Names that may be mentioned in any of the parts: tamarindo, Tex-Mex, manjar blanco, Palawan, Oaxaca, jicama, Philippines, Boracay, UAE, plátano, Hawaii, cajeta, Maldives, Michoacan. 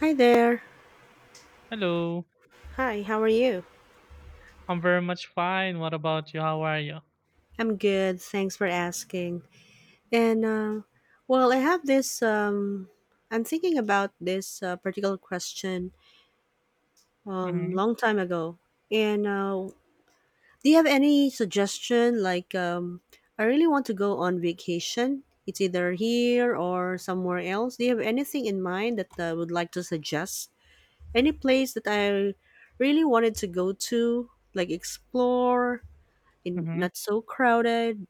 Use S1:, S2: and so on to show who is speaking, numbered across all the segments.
S1: Hi there.
S2: Hello.
S1: Hi, how are you?
S2: I'm very much fine. What about you? How are you?
S1: I'm good. Thanks for asking. And well, I have this. I'm thinking about this particular question
S2: Mm-hmm.
S1: long time ago. And do you have any suggestion? Like, I really want to go on vacation. It's either here or somewhere else. Do you have anything in mind that I would like to suggest? Any place that I really wanted to go to, like explore, in
S2: Mm-hmm.
S1: not so crowded.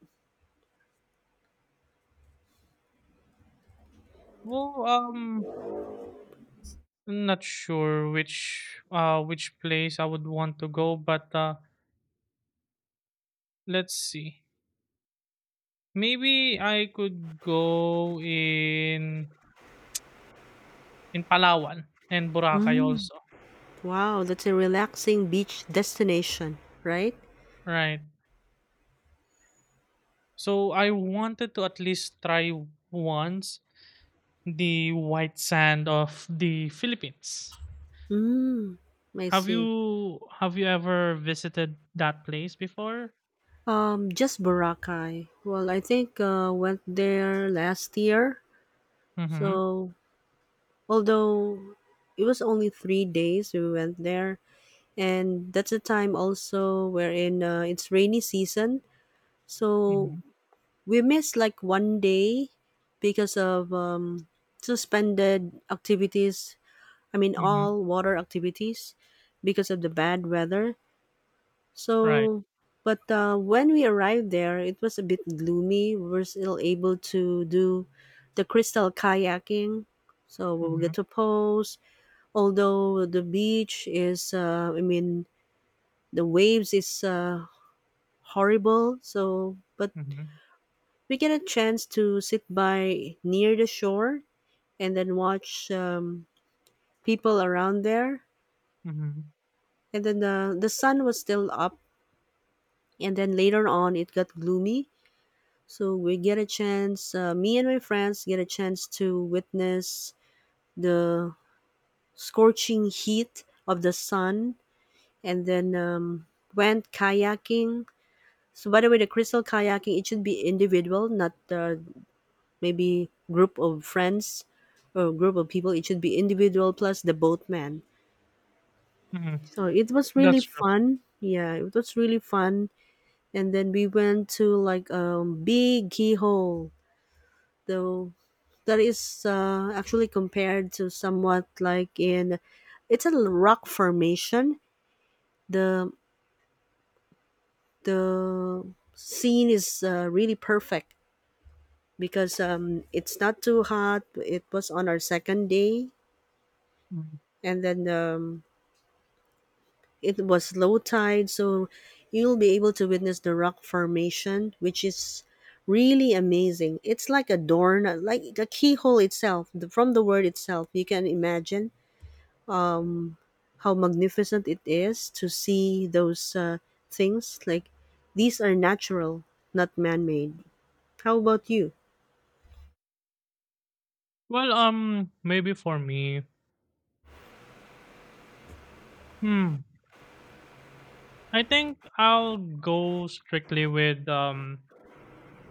S2: Well, not sure which place I would want to go, but let's see. Maybe I could go in Palawan and Boracay
S1: Mm,
S2: also.
S1: wow, that's a relaxing beach destination, right?
S2: Right. So I wanted to at least try once the white sand of the Philippines.
S1: Mm, I
S2: Have
S1: see.
S2: you have you ever visited that place before?
S1: Just Boracay. Well, I think went there last year. So,
S2: Mhm.
S1: although it was only three days we went there, and that's a time also wherein it's rainy season. So
S2: Mhm.
S1: we missed like one day because of suspended activities. I mean,
S2: Mhm.
S1: all water activities because of the bad weather.
S2: Right.
S1: So, but when we arrived there, it was a bit gloomy. We were still able to do the crystal kayaking. So we will get
S2: Mhm.
S1: to pose. Although the beach is, I mean, the waves is horrible. So, but
S2: Mhm.
S1: we get a chance to sit by near the shore and then watch people around there.
S2: Mhm.
S1: And then the sun was still up, and then later on it got gloomy, so we get a chance, me and my friends get a chance to witness the scorching heat of the sun, and then went kayaking. So by the way, the crystal kayaking, it should be individual, not maybe group of friends or group of people. It should be individual plus the boatman.
S2: Mhm.
S1: So it was really
S2: That's true.
S1: fun. Yeah, it was really fun. And then we went to like big keyhole, the that is actually compared to somewhat like in, it's a rock formation. The the scene is really perfect because it's not too hot. It was on our second day,
S2: Mhm.
S1: and then it was low tide, so you'll be able to witness the rock formation, which is really amazing. It's like a door, like the keyhole itself, from the word itself you can imagine how magnificent it is to see those things. Like, these are natural, not man made. How about you?
S2: Well, maybe for me, hmm, I think I'll go strictly with,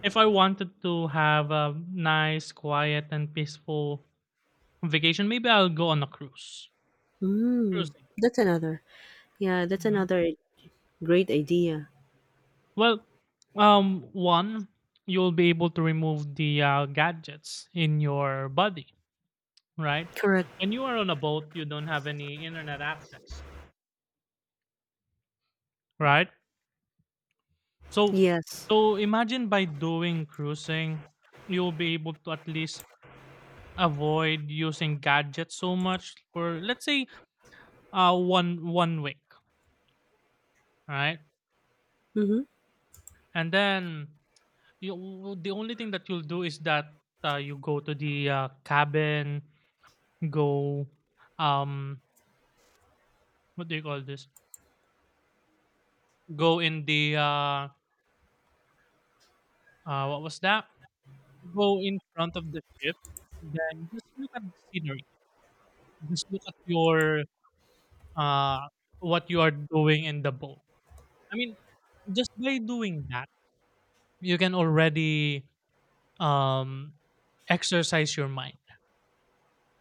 S2: if I wanted to have a nice, quiet, and peaceful vacation, maybe I'll go on a cruise.
S1: Mm,
S2: Cruising.
S1: that's another. Yeah, that's
S2: Mhm.
S1: another great idea.
S2: Well, one, you'll be able to remove the gadgets in your body, right?
S1: Correct.
S2: When you are on a boat, you don't have any internet access, right? So,
S1: Yes.
S2: so imagine by doing cruising, you'll be able to at least avoid using gadgets so much for, let's say, one one week, right?
S1: Mm-hmm.
S2: And then you, the only thing that you'll do is that you go to the cabin, go, um what do you call this? Go in the what was that? Go in front of the ship and then just look at the scenery. Just look at your, uh what you are doing in the boat. I mean, just by doing that, you can already um exercise your mind.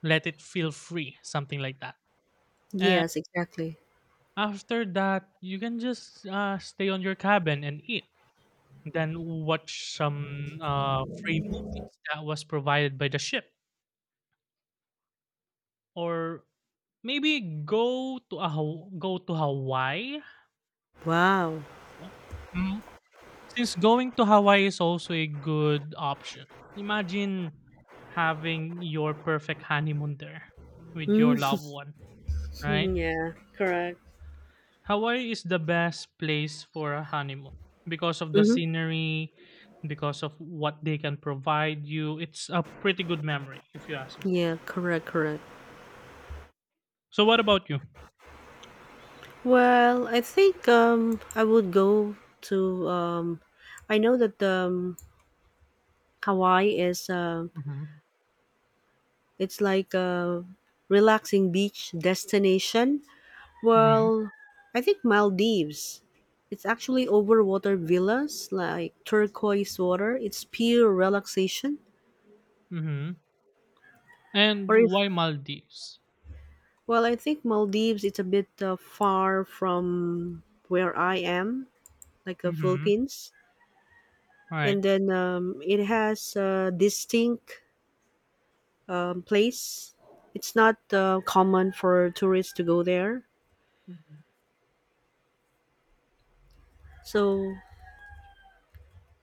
S2: Let it feel free, something like that. And
S1: Yes, exactly.
S2: after that, you can just stay on your cabin and eat. Then watch some free movies that was provided by the ship. Or maybe go to Hawaii?
S1: Wow.
S2: So, mm, since going to Hawaii is also a good option. Imagine having your perfect honeymoon there with your
S1: Mm,
S2: loved one, right?
S1: yeah, correct.
S2: Hawaii is the best place for a honeymoon because of the
S1: Mm-hmm.
S2: scenery, because of what they can provide you. It's a pretty good memory, if you ask me.
S1: Yeah, correct, correct.
S2: So, what about you?
S1: Well, I think I would go to, I know that, Hawaii is,
S2: Mhm,
S1: it's like a relaxing beach destination.
S2: mhm,
S1: Well, I think Maldives. It's actually overwater villas, like turquoise water. It's pure relaxation.
S2: mhm. And
S1: Or if
S2: why Maldives?
S1: well, I think Maldives. It's a bit far from where I am, like the
S2: Mhm.
S1: Philippines. And then it has a distinct place. It's not common for tourists to go there.
S2: Mhm.
S1: So,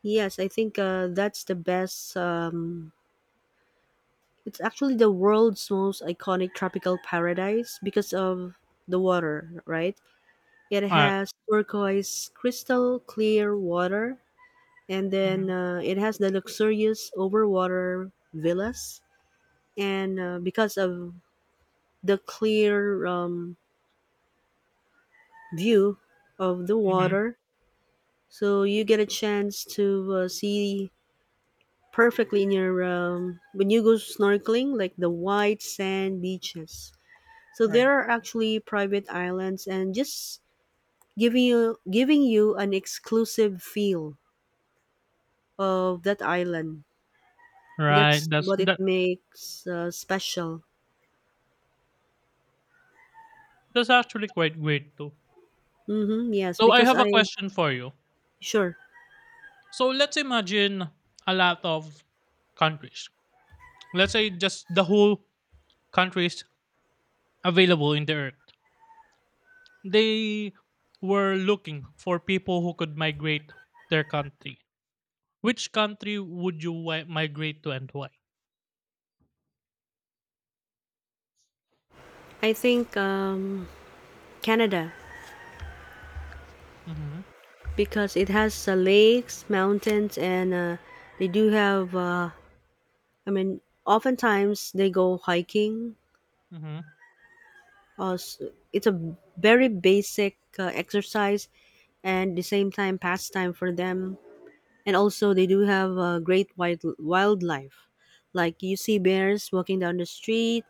S1: yes, I think that's the best. It's actually the world's most iconic tropical paradise because of the water, right? It
S2: Right.
S1: has turquoise, crystal clear water, and then
S2: Mhm,
S1: it has the luxurious overwater villas. And because of the clear view of the
S2: mhm.
S1: water, so you get a chance to see perfectly near, when you go snorkeling, like the white sand beaches. So
S2: Right.
S1: there are actually private islands and just giving you an exclusive feel of that island.
S2: Right,
S1: That's
S2: that's
S1: what it
S2: that
S1: makes special.
S2: that's actually quite great too.
S1: Mm-hmm, yes,
S2: So I
S1: because
S2: have
S1: I.
S2: a question for you.
S1: Sure.
S2: So let's imagine a lot of countries. Let's say just the whole countries available in the earth. They were looking for people who could migrate their country. Which country would you migrate to, and why?
S1: I think, Canada,
S2: Mm-hmm.
S1: because it has lakes, mountains, and they do have. I mean, oftentimes they go hiking, uh, s- it's a very basic exercise, and the same time pastime for them. And also they do have great wildlife, like you see bears walking down the street,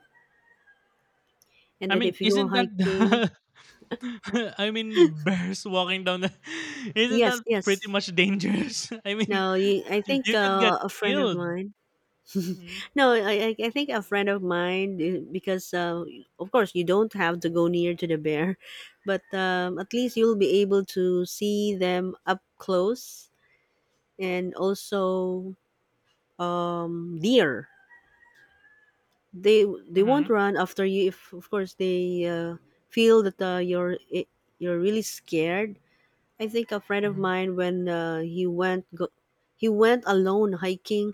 S1: and
S2: I
S1: then
S2: mean,
S1: if you go
S2: isn't that
S1: hiking.
S2: the, I mean, bears walking down the, isn't
S1: yes
S2: that
S1: yes
S2: pretty much dangerous? I mean,
S1: no you, i think
S2: you could get
S1: a friend of
S2: killed.
S1: mine.
S2: Hmm.
S1: No, I think a friend of mine, because of course you don't have to go near to the bear, but at least you'll be able to see them up close. And also, deer. They
S2: Hmm.
S1: won't run after you, if of course they feel that you're really scared. I think a friend of
S2: Hmm.
S1: mine, when he went alone hiking.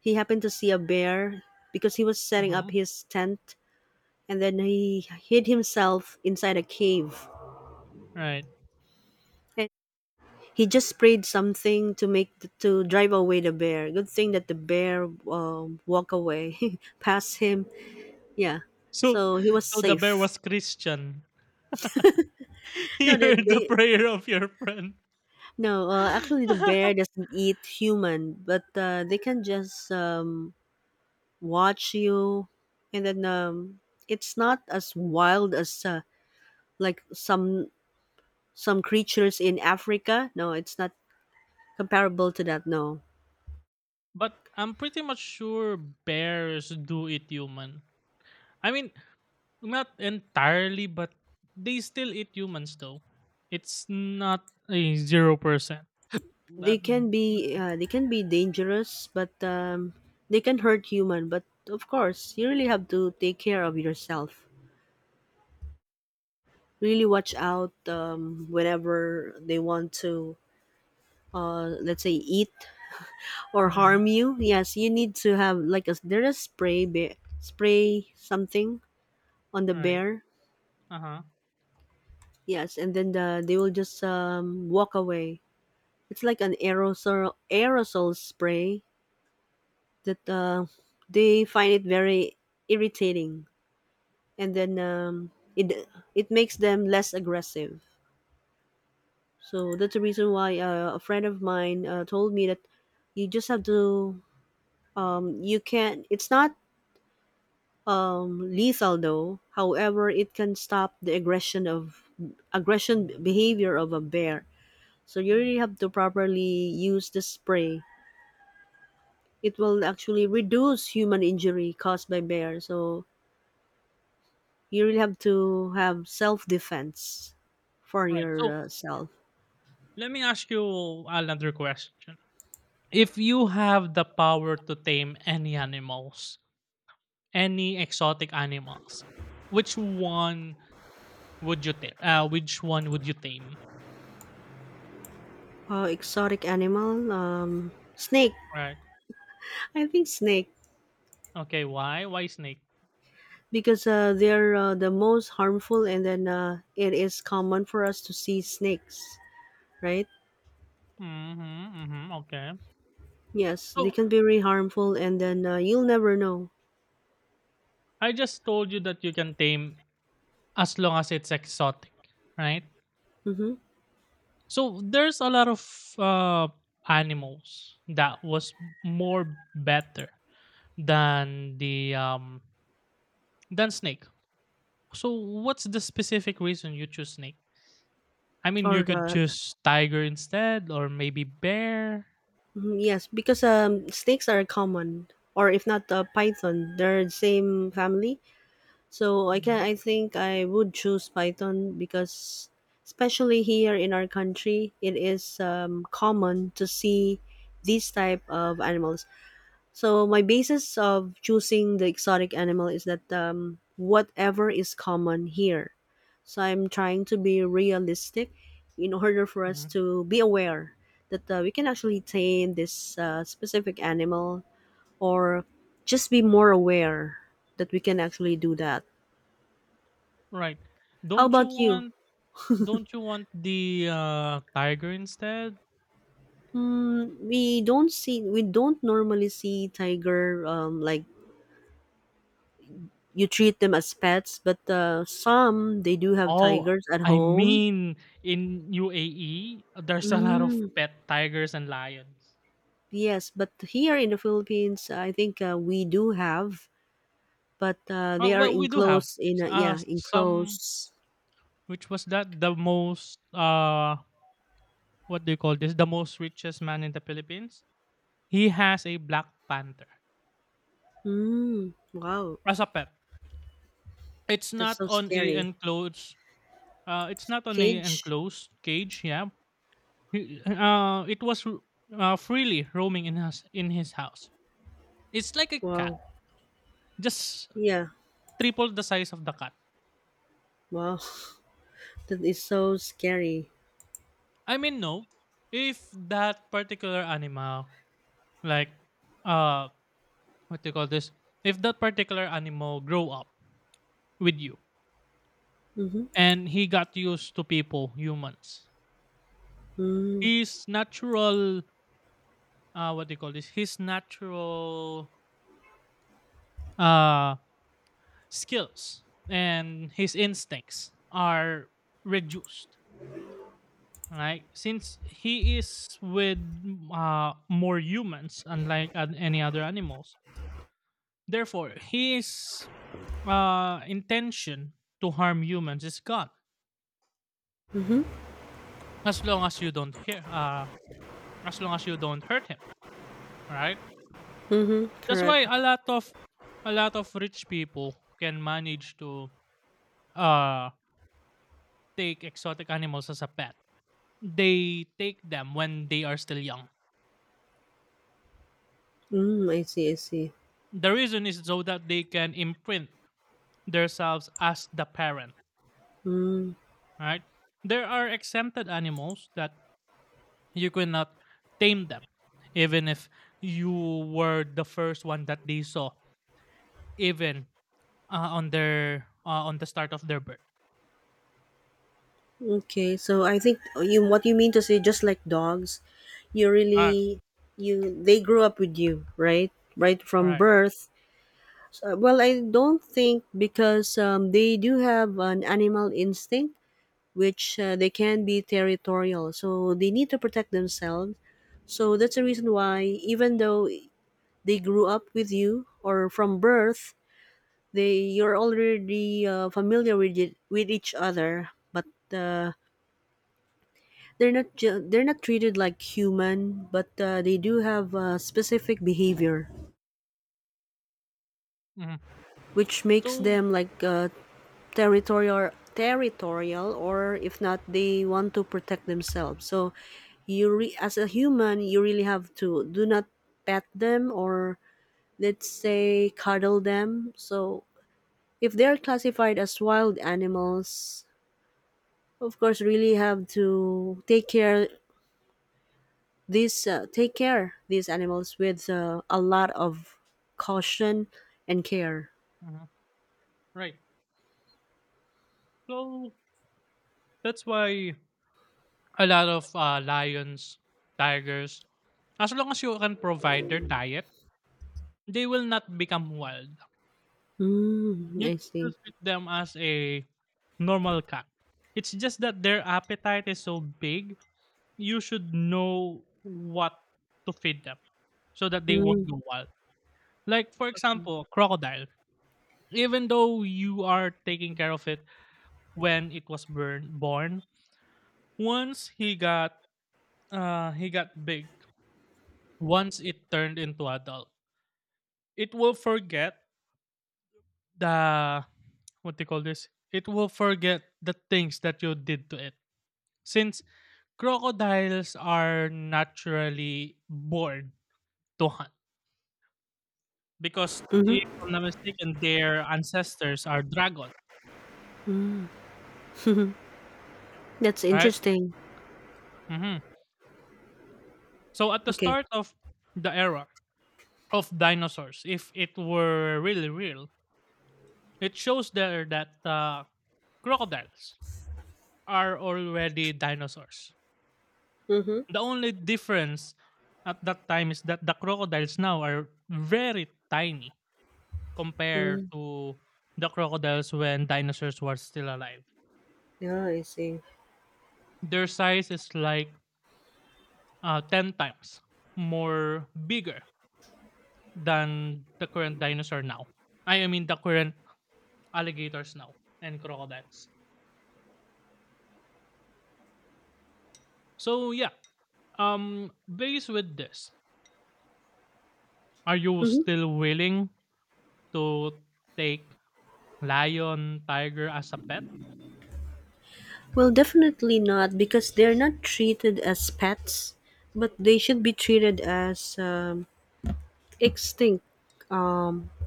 S1: He happened to see a bear because he was setting
S2: Hmm.
S1: up his tent, and then he hid himself inside a cave.
S2: Right.
S1: And he just sprayed something to drive away the bear. Good thing that the bear, walk away, past him. Yeah.
S2: So,
S1: So he was
S2: so the bear
S1: safe.
S2: was Christian. He
S1: No, the,
S2: heard the
S1: they
S2: prayer of your friend.
S1: no. Actually, the bear doesn't eat human, but they can just watch you, and then it's not as wild as like some creatures in Africa. No, it's not comparable to that. No,
S2: But I'm pretty much sure bears do eat human. I mean, not entirely, but they still eat humans though. It's not a 0%.
S1: they
S2: That.
S1: can be uh, they can be dangerous, but they can hurt human. But of course, you really have to take care of yourself. Really watch out, whenever they want to, let's say, eat or
S2: Mhm.
S1: harm you. Yes, you need to have like a, there is spray bear, spray something on the
S2: Right.
S1: bear.
S2: Uh-huh.
S1: Yes, and then they will just walk away. It's like an aerosol spray that, they find it very irritating, and then it makes them less aggressive. So that's the reason why, a friend of mine, told me that, you just have to, you can, it's not lethal though. However, it can stop the aggression behavior of a bear. So you really have to properly use the spray. It will actually reduce human injury caused by bear. So you really have to have self-defense for
S2: Right. So,
S1: yourself.
S2: let me ask you another question. If you have the power to tame any animals, any exotic animals, which one would you tame? Which one would you tame?
S1: Exotic animal, snake.
S2: Right.
S1: I think snake.
S2: Okay, why? Why snake?
S1: Because they're, the most harmful, and then it is common for us to see snakes, right.
S2: Mm-hmm, mm-hmm, okay.
S1: Yes, they
S2: So,
S1: can be really harmful, and then you'll never know.
S2: I just told you that you can tame as long as it's exotic, right?
S1: Mm-hmm.
S2: So there's a lot of uh, animals that was more better than the, than snake. So what's the specific reason you choose snake? I mean, you
S1: or
S2: could choose tiger instead, or maybe bear.
S1: Mhm, yes, because snakes are common, or if not python. They're the same family. so i can
S2: Mhm,
S1: i think I would choose python, because especially here in our country it is common to see these type of animals. So my basis of choosing the exotic animal is that, whatever is common here. So I'm trying to be realistic, in order for us
S2: mhm.
S1: to be aware that we can actually tame this specific animal, or just be more aware that we can actually do that.
S2: Right?
S1: How
S2: Don't you
S1: about you?
S2: want don't you want the, tiger instead?
S1: We don't normally see tiger, like, you treat them as pets, but some they do have
S2: Oh,
S1: tigers at
S2: I
S1: home.
S2: mean, in UAE, there's a lot of
S1: Mm,
S2: pet tigers and lions.
S1: yes, but here in the Philippines, I think we do have, but they are
S2: Well, we do have
S1: enclosed in a, yeah,
S2: some,
S1: enclosed.
S2: which was that the most, what do you call this? The most richest man in the Philippines. He has a black panther
S1: Mm, wow,
S2: as a pet. It's
S1: that's
S2: not
S1: so
S2: on a
S1: scary.
S2: enclosed,
S1: Cage?
S2: cage, yeah. It was freely roaming in his house. It's like a cat,
S1: Wow.
S2: just
S1: Yeah,
S2: triple the size of the cat.
S1: wow. That is so scary.
S2: I mean, no, if that particular animal, like, uh what do you call this? If that particular animal grow up with you
S1: Mm-hmm.
S2: and he got used to people, humans,
S1: Mm,
S2: his natural, what do you call this? His natural uh skills and his instincts are reduced, right? Since he is with more humans unlike any other animals. Therefore, his intention to harm humans is gone,
S1: mm-hmm.
S2: as long as you don't hurt him, right?
S1: Mm-hmm.
S2: That's
S1: Correct.
S2: why a lot of rich people can manage to uh take exotic animals as a pet. They take them when they are still young.
S1: Mm, I see, I see.
S2: The reason is so that they can imprint themselves as the parent,
S1: Mm,
S2: right? There are exempted animals that you cannot tame them, even if you were the first one that they saw, even, on their, on the start of their birth.
S1: okay, so I think, you what you mean to say, just like dogs, you
S2: Ah,
S1: really, you they grew up with you, right, right from
S2: alright.
S1: birth. Well, I don't think, because they do have an animal instinct, which they can be territorial, so they need to protect themselves. So that's the reason why, even though they grew up with you or from birth, they you're already familiar with it, with each other, but they're not treated like human. But they do have specific behavior
S2: Mhm.
S1: which makes
S2: So,
S1: them like, territorial. Or if not, they want to protect themselves. So As a human you really have to do not pet them, or let's say cuddle them. So if they're classified as wild animals, of course, really have to take care these, animals with, a lot of caution and care.
S2: mhm, right. So that's why a lot of lions, tigers, as long as you can provide their diet, they will not become wild.
S1: Mm,
S2: You
S1: I
S2: can
S1: see.
S2: still treat them as a normal cat. It's just that their appetite is so big, you should know what to feed them so that they won't
S1: Mm,
S2: go wild. Like for
S1: okay.
S2: example, crocodile, even though you are taking care of it when it was born, once he got, he got big, once it turned into adult, it will forget, the what they call this, it will forget the things that you did to it, since crocodiles are naturally born to hunt, because if
S1: Mm-hmm.
S2: I'm not mistaken, their ancestors are dragon,
S1: That's
S2: right?
S1: interesting.
S2: Hmm. So at the
S1: Okay.
S2: start of the era of dinosaurs, if it were really real. It shows there that, crocodiles are already dinosaurs.
S1: Mm-hmm.
S2: The only difference at that time is that the crocodiles now are very tiny compared
S1: Mm,
S2: to the crocodiles when dinosaurs were still alive.
S1: yeah, I see.
S2: Their size is like, 10 times more bigger than the current dinosaur now. I mean, the current alligators now and crocodiles. So, yeah. Based with this, are you
S1: Mm-hmm.
S2: still willing to take lion, tiger as a pet?
S1: Well, definitely not, because they're not treated as pets, but they should be treated as, extinct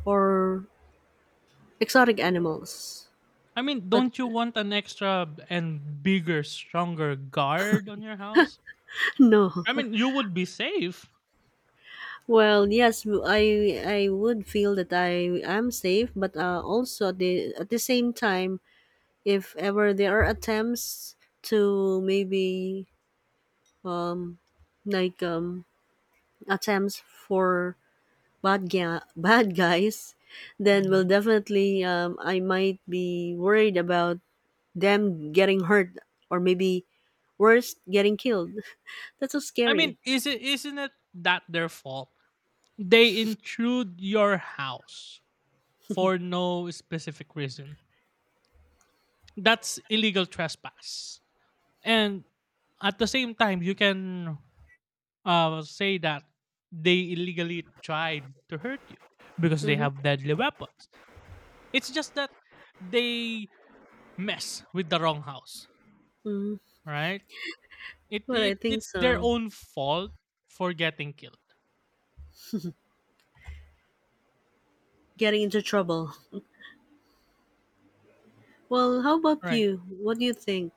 S1: or exotic animals.
S2: I mean,
S1: But
S2: don't you want an extra b- and bigger, stronger guard on your house?
S1: no.
S2: I mean, you would be safe.
S1: Well, yes, I would feel that I am safe, but also at the same time, if ever there are attempts to maybe, um like, attempts for bad guys, then will
S2: Mhm.
S1: definitely, I might be worried about them getting hurt, or maybe worse, getting killed. That's so
S2: I
S1: scary.
S2: mean, is it isn't it that their fault? They intrude your house for no specific reason. That's illegal trespass. And at the same time, you can say that they illegally tried to hurt you because they
S1: Mm-hmm.
S2: have deadly weapons. It's just that they mess with the wrong house,
S1: Mm-hmm.
S2: right? It,
S1: But I
S2: it
S1: think
S2: it's their
S1: so.
S2: own fault for getting killed,
S1: Getting into trouble. Well, how about
S2: right?
S1: you? What do you think?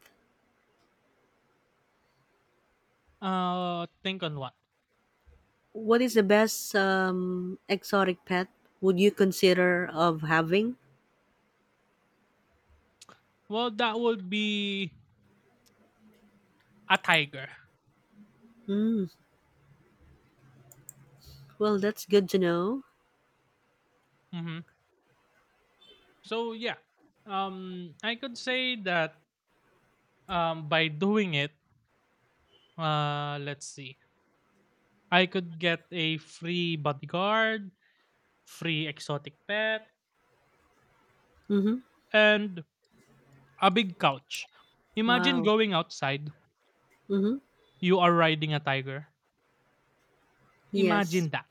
S2: Think on what?
S1: What is the best, exotic pet would you consider of having?
S2: Well, that would be a tiger.
S1: Mm, well, that's good to know.
S2: Hmm. So yeah, I could say that, by doing it, let's see, I could get a free bodyguard, free exotic pet,
S1: Mm-hmm.
S2: and a big couch. Imagine
S1: Wow.
S2: going outside,
S1: Mm-hmm.
S2: you are riding a tiger.
S1: Yes.
S2: Imagine that.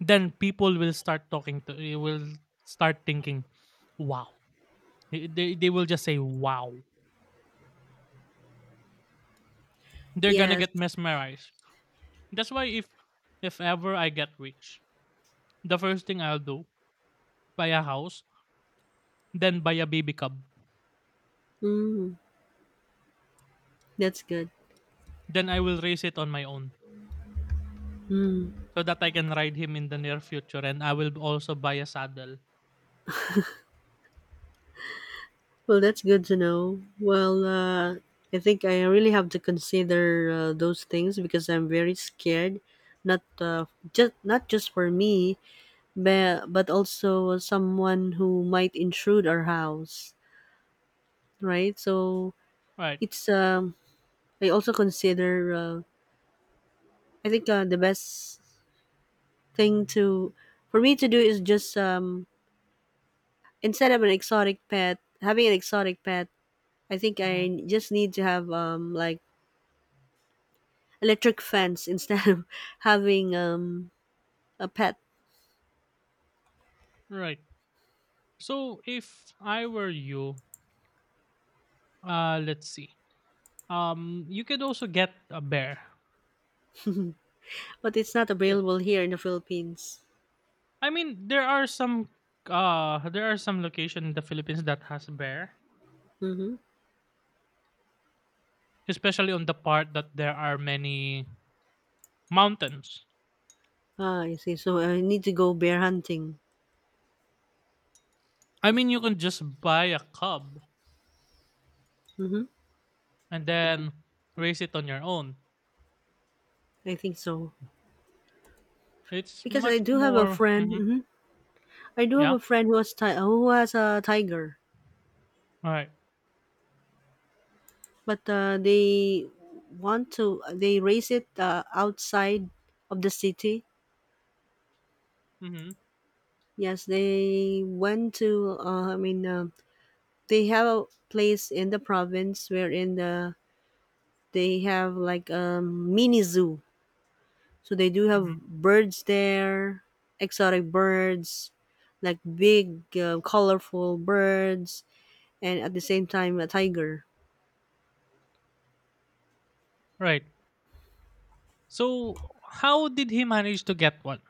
S2: Then people will start talking to you, will start thinking, wow. They will just say wow. They're gonna
S1: Yes.
S2: get mesmerized. That's why, if ever I get rich, the first thing I'll do, buy a house, then buy a baby cub.
S1: Mm, that's good.
S2: Then I will raise it on my own
S1: Mm.
S2: so that I can ride him in the near future, and I will also buy a saddle.
S1: Well, that's good to know. Well, I think I really have to consider those things because I'm very scared. Not uh, not just for me, but also someone who might intrude our house, right? So
S2: Right.
S1: it's I also consider I think the best thing to for me to do is just instead of an exotic pet having an exotic pet. I think
S2: Mhm.
S1: I just need to have electric fence instead of having a pet,
S2: Right. So if I were you, let's see. You could also get a bear.
S1: but it's not
S2: Yeah.
S1: available here in the Philippines.
S2: I mean, there are some location in the Philippines that has bear,
S1: Mm-hmm.
S2: especially on the part that there are many mountains.
S1: Ah, I see. So I need to go bear hunting.
S2: I mean, you can just buy a cub
S1: Mm-hmm.
S2: and then raise it on your own.
S1: I think so,
S2: It's
S1: because I
S2: much
S1: do have a
S2: more,
S1: friend. hmm I do have
S2: yeah.
S1: a friend who who has a tiger.
S2: All right.
S1: But they want to they raise it outside of the city.
S2: Mhm.
S1: Yes, they went to they have a place in the province wherein they have like a mini zoo, so they do have
S2: Mhm.
S1: birds there, exotic birds, like big colorful birds, and at the same time a tiger.
S2: Right. So how did he manage to get one?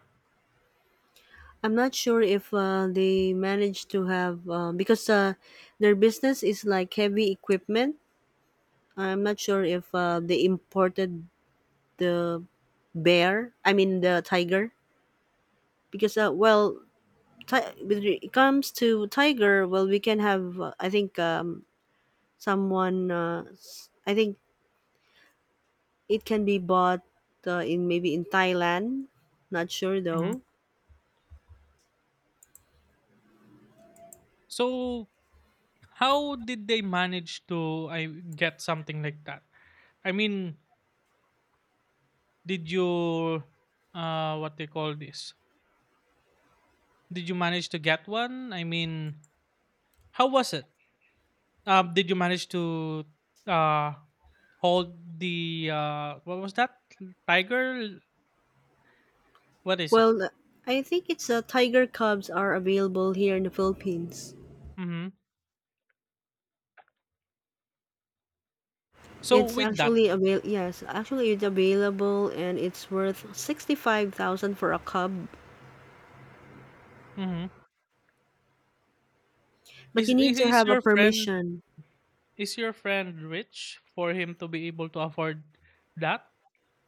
S1: I'm not sure if they manage to have because their business is like heavy equipment. I'm not sure if they imported the bear. I mean the tiger, because well, when it comes to tiger, well, we can have I think someone. I think it can be bought in maybe in Thailand. Not sure
S2: Mhm.
S1: though.
S2: So how did they manage to I get something like that? I mean, did you, what they call this? Did you manage to get one? I mean, how was it? Did you manage to uh hold the, what was that, tiger? What is it?
S1: Well, I think it's tiger cubs are available here in the Philippines.
S2: Hmm. So
S1: It's
S2: with that,
S1: actually avail yes, actually it's available, and it's worth 65,000 for a cub,
S2: hmm
S1: but
S2: is,
S1: you need
S2: is
S1: to
S2: is
S1: have a
S2: your
S1: permission.
S2: friend is your friend rich for him to be able to afford that?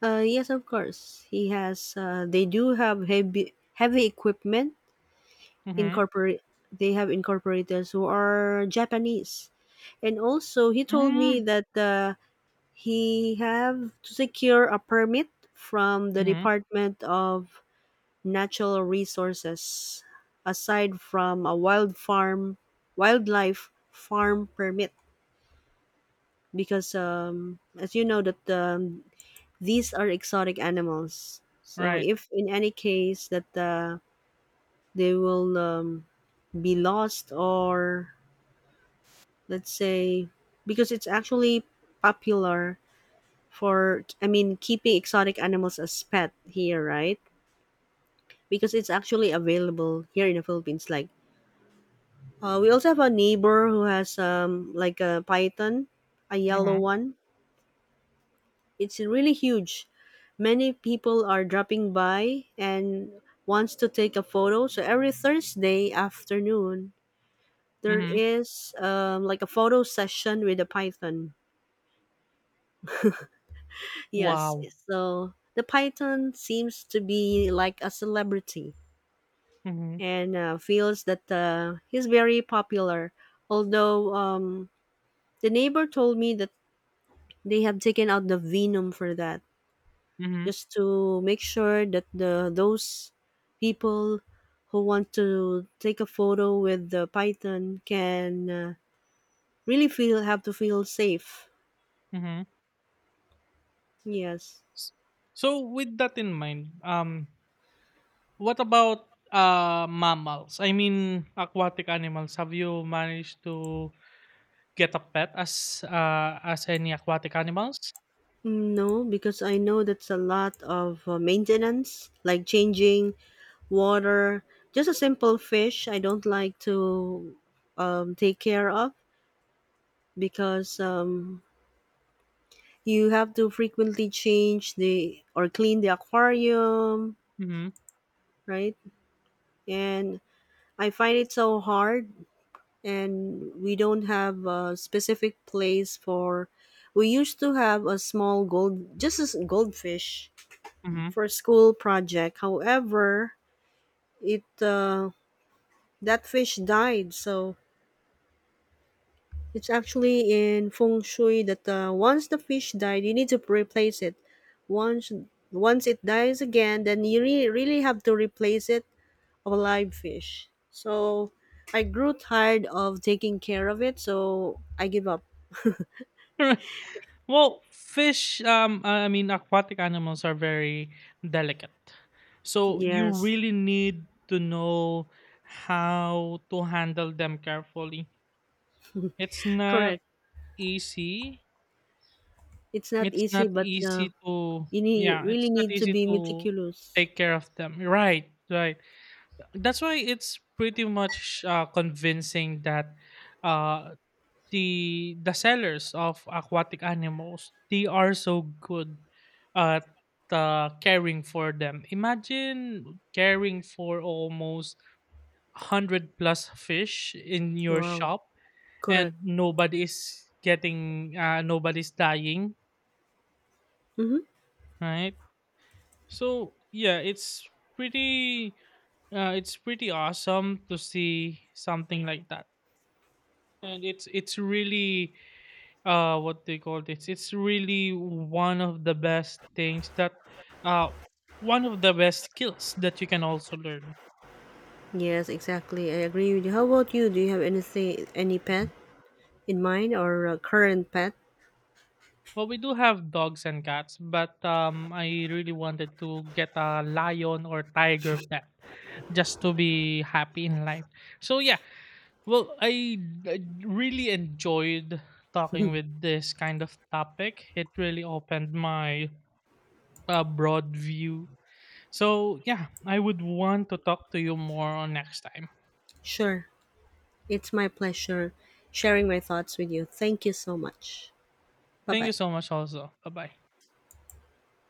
S1: Yes, of course. He has they do have heavy equipment.
S2: Mm-hmm.
S1: Incorporate They have incorporators who are Japanese. And also he told me
S2: Mm-hmm.
S1: that he have to secure a permit from the
S2: Mm-hmm.
S1: Department of Natural Resources, aside from a wildlife farm permit, because as you know that these are exotic animals, so
S2: Right.
S1: if in any case that they will be lost, or let's say, because it's actually popular for keeping exotic animals as pet here, right? Because it's actually available here in the Philippines. Like, we also have a neighbor who has like a python, a yellow
S2: Mm-hmm.
S1: one. It's really huge. Many people are dropping by and wants to take a photo. So every Thursday afternoon, there
S2: Mhm.
S1: is like a photo session with the python. Yes,
S2: Wow.
S1: so the python seems to be like a celebrity,
S2: Mhm.
S1: and feels that he's very popular. Although the neighbor told me that they have taken out the venom for that,
S2: Mhm.
S1: just to make sure that the those people who want to take a photo with the python can really feel have to feel safe.
S2: Mhm.
S1: Yes.
S2: S- So with that in mind, what about, mammals? I mean, aquatic animals. Have you managed to get a pet as, as any aquatic animals?
S1: No, because I know that's a lot of maintenance, like changing water. Just a simple fish, I don't like to take care of, because you have to frequently change the or clean the aquarium,
S2: Mhm.
S1: right? And I find it so hard, and we don't have a specific place for. We used to have a small gold, just as goldfish
S2: Mhm.
S1: for a school project. However, it that fish died, so it's actually in feng shui that once the fish died, you need to replace it. Once Once it dies again, then you really have to replace it of a live fish. So I grew tired of taking care of it, so I give up.
S2: Well, fish, I mean, aquatic animals are very delicate. So you
S1: Yes,
S2: really need to know how to handle them carefully. It's not
S1: correct.
S2: easy.
S1: It's not
S2: It's
S1: easy,
S2: not
S1: but
S2: easy to
S1: you need
S2: yeah,
S1: really
S2: it's not
S1: need to
S2: easy
S1: be
S2: to
S1: meticulous.
S2: take care of them. Right, right. That's why it's pretty much convincing that, uh, the sellers of aquatic animals, they are so good at caring for them. Imagine caring for almost 100 plus fish in your
S1: Wow,
S2: shop,
S1: correct.
S2: and nobody is getting, nobody's dying,
S1: Mm-hmm.
S2: right? So yeah, it's pretty, it's pretty awesome to see something like that. And it's really, what they call this. It's really one of the best things that, uh one of the best skills that you can also learn.
S1: Yes, exactly. I agree with you. How about you? Do you have anything, any pet in mind or a current pet?
S2: Well, we do have dogs and cats, but I really wanted to get a lion or tiger pet just to be happy in life. So yeah. Well, I really enjoyed talking with this kind of topic. It really opened my, broad view. So, yeah, I would want to talk to you more on next time.
S1: Sure. It's my pleasure sharing my thoughts with you. Thank you so much. Bye
S2: Thank
S1: bye.
S2: you so much, also. Bye bye.